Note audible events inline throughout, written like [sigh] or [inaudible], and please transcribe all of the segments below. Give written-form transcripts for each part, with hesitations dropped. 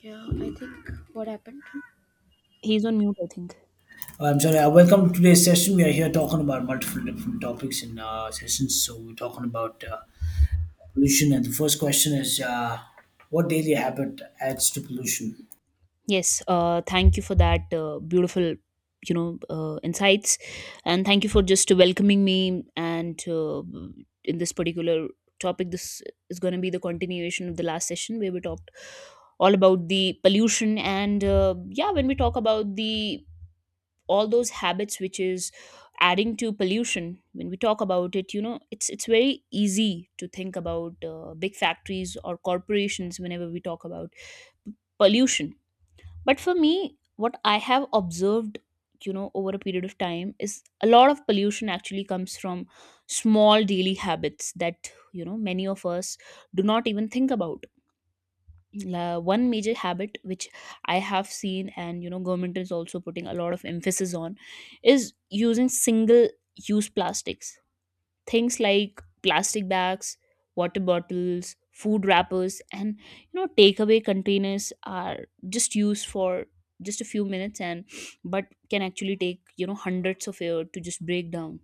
Yeah, I think what happened? He's on mute, I think. I'm sorry. Welcome to today's session. We are here talking about multiple different topics in sessions. So we're talking about pollution, and the first question is, what daily habit adds to pollution? Yes, thank you for that beautiful, insights, and thank you for just welcoming me. And in this particular topic, this is going to be the continuation of the last session where we talked all about the pollution, and yeah, when we talk about the all those habits which is adding to pollution. When we talk about it, it's very easy to think about big factories or corporations whenever we talk about pollution. But for me, what I have observed, over a period of time, is a lot of pollution actually comes from small daily habits that, many of us do not even think about. La, one major habit which I have seen, and, government is also putting a lot of emphasis on, is using single use plastics. Things like plastic bags, water bottles, food wrappers, and takeaway containers are just used for just a few minutes, and but can actually take, hundreds of years to just break down.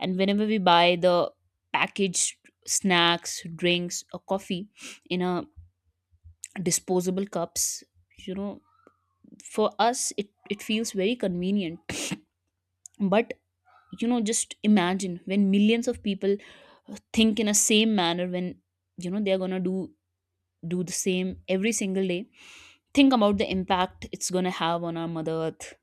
And whenever we buy the packaged snacks, drinks, or coffee in a disposable cups, you know, for us it feels very convenient. But, just imagine when millions of people think in a same manner, when they're gonna do the same every single day. Think about the impact it's gonna have on our mother earth.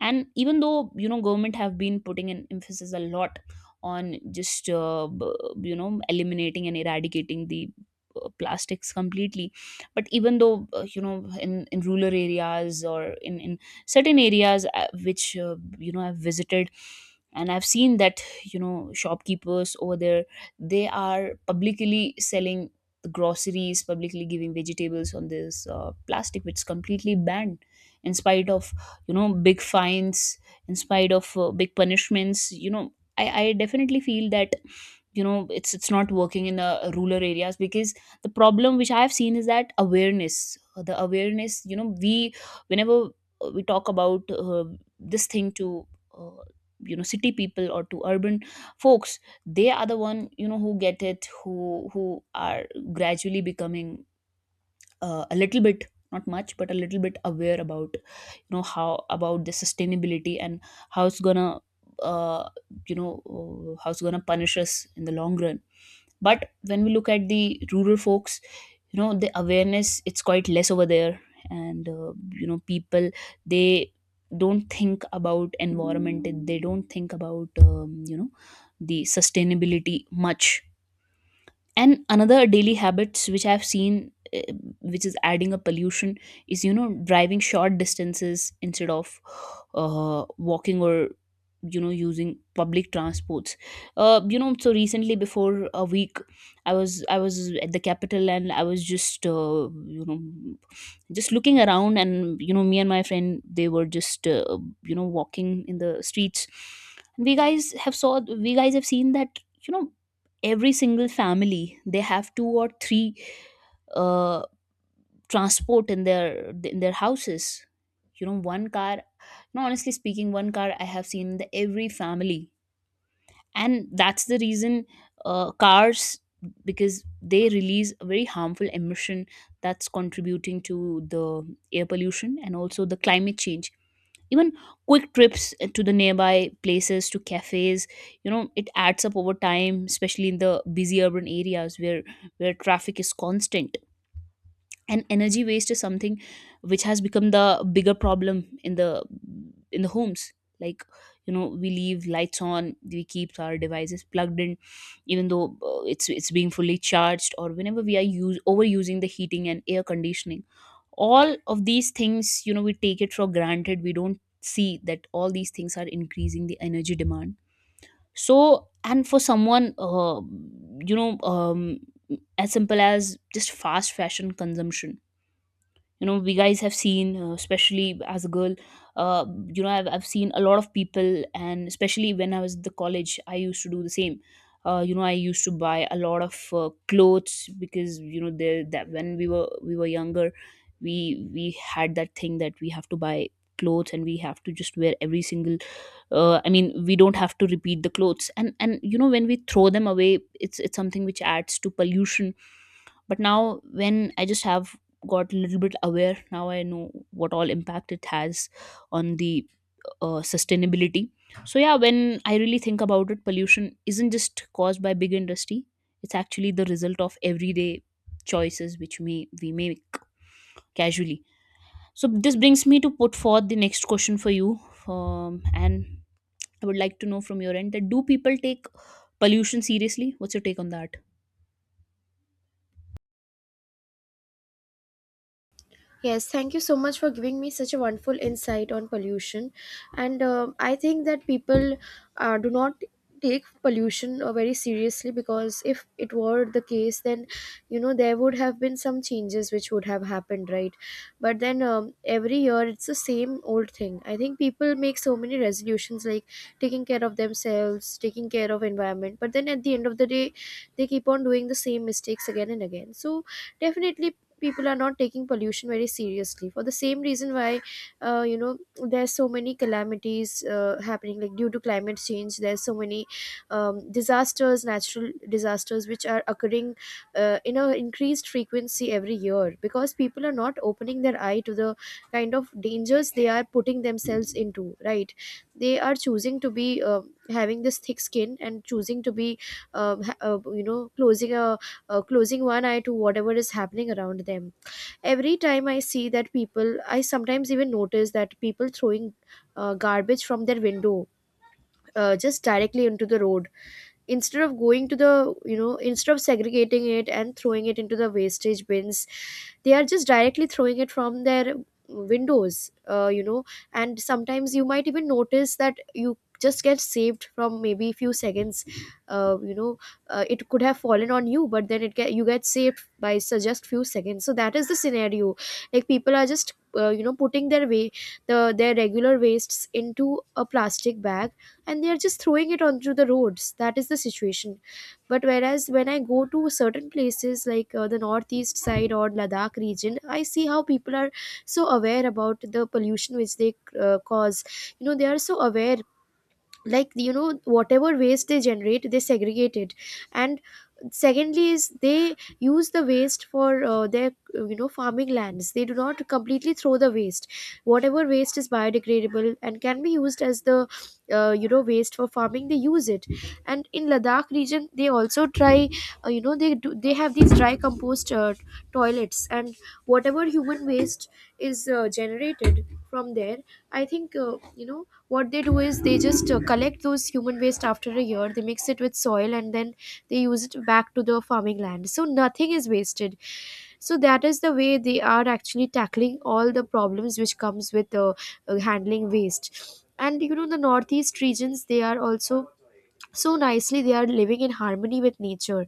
And even though, government have been putting an emphasis a lot on just eliminating and eradicating the plastics completely, but even though, in rural areas or in certain areas which, I've visited and I've seen that, shopkeepers over there, they are publicly selling the groceries, publicly giving vegetables on this plastic, which is completely banned. In spite of, big fines, in spite of big punishments, I definitely feel that, it's not working in the rural areas, because the problem which I have seen is that awareness, the awareness, we, whenever, we talk about, this thing to, uh, city people or to urban folks, they are the one, who get it, who who are gradually becoming a little bit, not much, but a little bit aware about, how about the sustainability and how it's gonna, uh, how it's gonna punish us in the long run. But when we look at the rural folks, the awareness, it's quite less over there. And, people, they don't think about environment, they don't think about, the sustainability much. And another daily habits which I've seen, which is adding a pollution, is, driving short distances instead of, walking or, using public transports. So recently before a week, I was at the capital, and I was just, you know just looking around. And, me and my friend, they were just, walking in the streets. we guys have saw we guys have seen that, you know every single family, they have two or three, uh, transport in their houses. One car. No, honestly speaking, one car I have seen in the every family. And that's the reason, cars, because they release a very harmful emission, that's contributing to the air pollution and also the climate change. Even quick trips to the nearby places, to cafes, it adds up over time, especially in the busy urban areas where traffic is constant. And energy waste is something which has become the bigger problem in the homes. Like, we leave lights on, we keep our devices plugged in even though, it's being fully charged, or whenever we are use overusing the heating and air conditioning. All of these things, we take it for granted, we don't see that all these things are increasing the energy demand. So, and for someone, you know um, as simple as just fast fashion consumption, we guys have seen, especially as a girl, I've seen a lot of people, and especially when I was at the college, I used to do the same. I used to buy a lot of clothes, because, there, that when we were younger, we had that thing that we have to buy clothes, and we have to just wear every single, I mean, we don't have to repeat the clothes, and when we throw them away, it's something which adds to pollution. But now, when I just have got a little bit aware, now I know what all impact it has on the sustainability. So yeah, when I really think about it, pollution isn't just caused by big industry, it's actually the result of everyday choices which we make casually. So this brings me to put forth the next question for you. And I would like to know from your end that, do people take pollution seriously? What's your take on that? Yes, thank you so much for giving me such a wonderful insight on pollution. And I think that people do not take pollution very seriously because if it were the case, then you know there would have been some changes which would have happened, right? But then every year it's the same old thing. I think people make so many resolutions like taking care of themselves, taking care of environment, but then at the end of the day, they keep on doing the same mistakes again and again. So definitely people are not taking pollution very seriously for the same reason why you know there's so many calamities happening like due to climate change there's so many disasters, natural disasters which are occurring in a increased frequency every year because people are not opening their eye to the kind of dangers they are putting themselves into, right? They are choosing to be having this thick skin and choosing to be you know closing a closing one eye to whatever is happening around them. Every time I see that people, I sometimes even notice that people throwing garbage from their window, just directly into the road instead of going to the, you know, instead of segregating it and throwing it into the wastage bins, they are just directly throwing it from their windows, you know. And sometimes you might even notice that you just get saved from maybe a few seconds, you know, it could have fallen on you but then it get, you get saved by so just few seconds. So that is the scenario, like people are just you know putting their way the their regular wastes into a plastic bag and they are just throwing it onto the roads. That is the situation. But whereas when I go to certain places like the northeast side or Ladakh region, I see how people are so aware about the pollution which they cause. You know, they are so aware, like you know whatever waste they generate they segregate it. And secondly is they use the waste for their you know farming lands. They do not completely throw the waste. Whatever waste is biodegradable and can be used as the you know waste for farming, they use it. And in Ladakh region they also try, you know, they do, they have these dry compost toilets, and whatever human waste is generated from there, I think you know what they do is they just collect those human waste after a year, they mix it with soil and then they use it back to the farming land, so nothing is wasted. So that is the way they are actually tackling all the problems which comes with handling waste. And you know the northeast regions, they are also so nicely they are living in harmony with nature.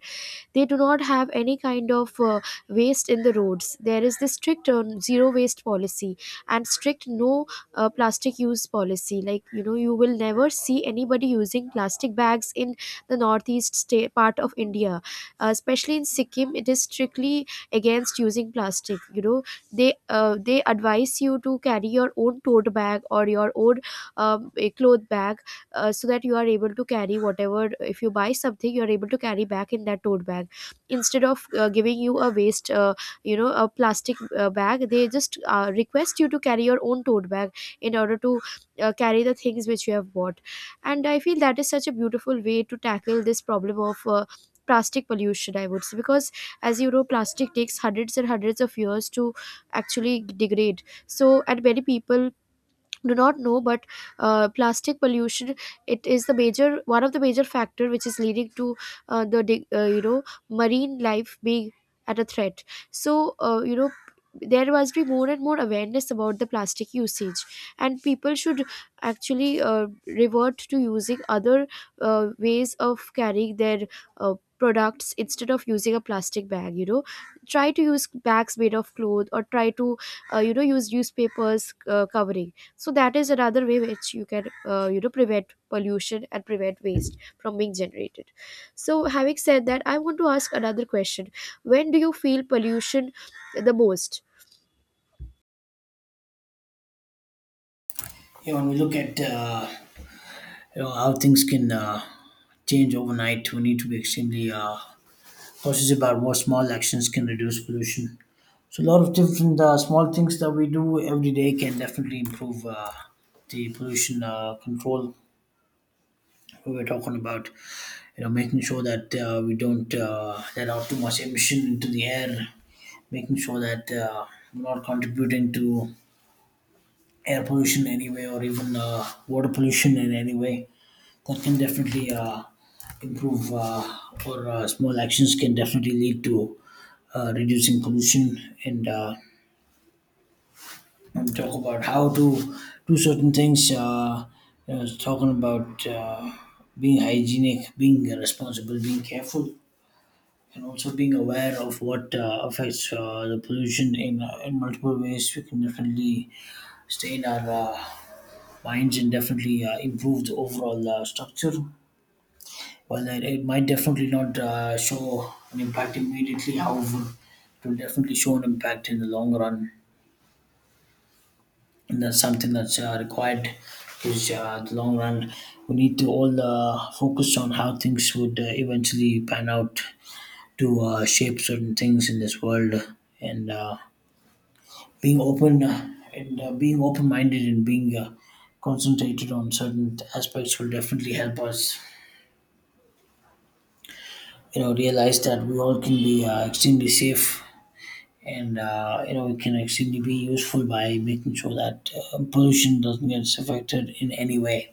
They do not have any kind of waste in the roads. There is this strict zero waste policy and strict no plastic use policy. Like you know you will never see anybody using plastic bags in the northeast state part of India, especially in Sikkim. It is strictly against using plastic. You know, they advise you to carry your own tote bag or your own, a cloth bag, so that you are able to carry whatever, if you buy something you are able to carry back in that tote bag, instead of giving you a waste, you know, a plastic bag, they just request you to carry your own tote bag in order to carry the things which you have bought. And I feel that is such a beautiful way to tackle this problem of plastic pollution, I would say. Because as you know plastic takes hundreds and hundreds of years to actually degrade. So, and many people do not know, but plastic pollution, it is the major, one of the major factor which is leading to you know marine life being at a threat. So you know there must be more and more awareness about the plastic usage, and people should actually revert to using other ways of carrying their uh, products instead of using a plastic bag. You know, try to use bags made of cloth or try to you know use newspapers covering. So that is another way which you can you know prevent pollution and prevent waste from being generated. So having said that, I want to ask another question. When do you feel pollution the most? You know, when we look at you know how things can change overnight, we need to be extremely cautious about what small actions can reduce pollution. So a lot of different small things that we do every day can definitely improve the pollution control we were talking about. You know, making sure that we don't let out too much emission into the air, making sure that we're not contributing to air pollution anyway, or even water pollution in any way that can definitely improve or small actions can definitely lead to reducing pollution, and talk about how to do certain things, you know, talking about being hygienic, being responsible, being careful, and also being aware of what affects the pollution in multiple ways, we can definitely stay in our minds and definitely improve the overall structure. While it might definitely not show an impact immediately, however, it will definitely show an impact in the long run, and that's something that's required. Is the long run we need to all focus on how things would eventually pan out to shape certain things in this world and. Being open and being open minded and being concentrated on certain aspects will definitely help us you know realize that we all can be extremely safe and you know we can extremely be useful by making sure that pollution doesn't get affected in any way.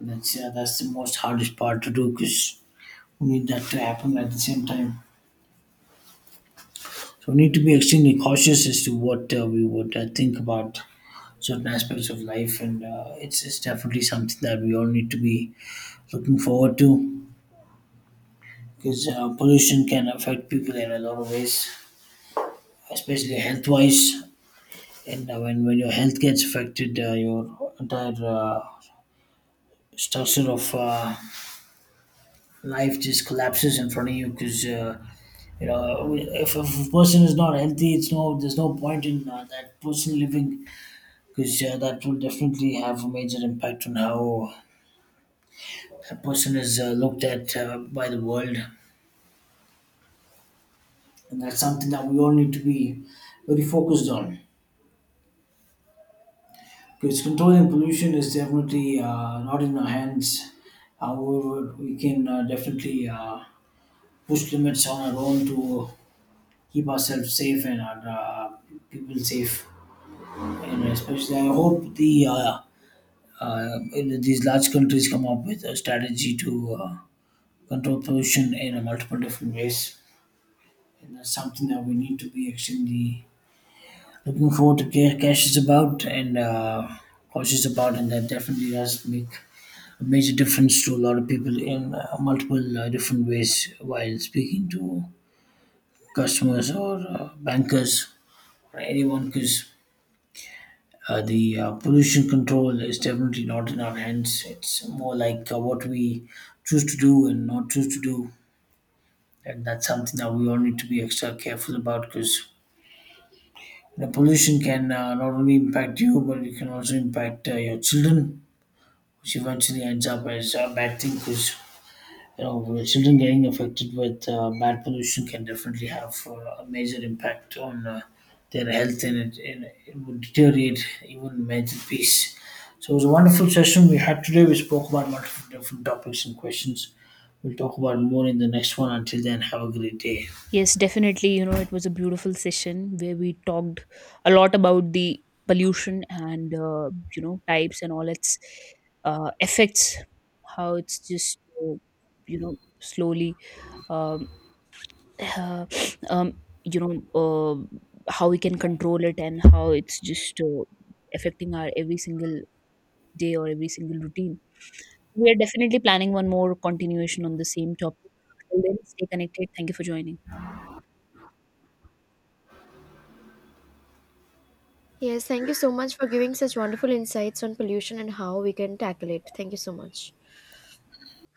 That's the most hardest part to do because we need that to happen at the same time, so we need to be extremely cautious as to what we would think about certain aspects of life, and it's definitely something that we all need to be looking forward to, because pollution can affect people in a lot of ways, especially health wise. And when your health gets affected, your entire structure of life just collapses in front of you because. You know, if a person is not healthy, it's no there's no point in that person living, because that will definitely have a major impact on how a person is looked at by the world. And that's something that we all need to be very focused on. Because controlling pollution is definitely not in our hands. However, we can definitely push limits on our own to keep ourselves safe and our people safe. And especially, I hope the uh, these large countries come up with a strategy to control pollution in a multiple different ways. And that's something that we need to be extremely looking forward to. Cash is about and cash is about, and that definitely does make a major difference to a lot of people in multiple different ways while speaking to customers or bankers or anyone, because the pollution control is definitely not in our hands. It's more like what we choose to do and not choose to do. And that's something that we all need to be extra careful about, because the pollution can not only impact you, but it can also impact your children, which eventually ends up as a bad thing because you know children getting affected with bad pollution can definitely have a major impact on their health, and it would deteriorate even mental peace. So it was a wonderful session we had today. We spoke about multiple different topics and questions. We'll talk about more in the next one. Until then, have a great day. Yes, definitely. You know, it was a beautiful session where we talked a lot about the pollution and, types and all its effects, how it's just, slowly, um, [sighs] uh, [sniffs] um, you know, how we can control it, and how it's just affecting our every single day or every single routine. We are definitely planning one more continuation on the same topic. Till then, stay connected. Thank you for joining. Yes, thank you so much for giving such wonderful insights on pollution and how we can tackle it. Thank you so much.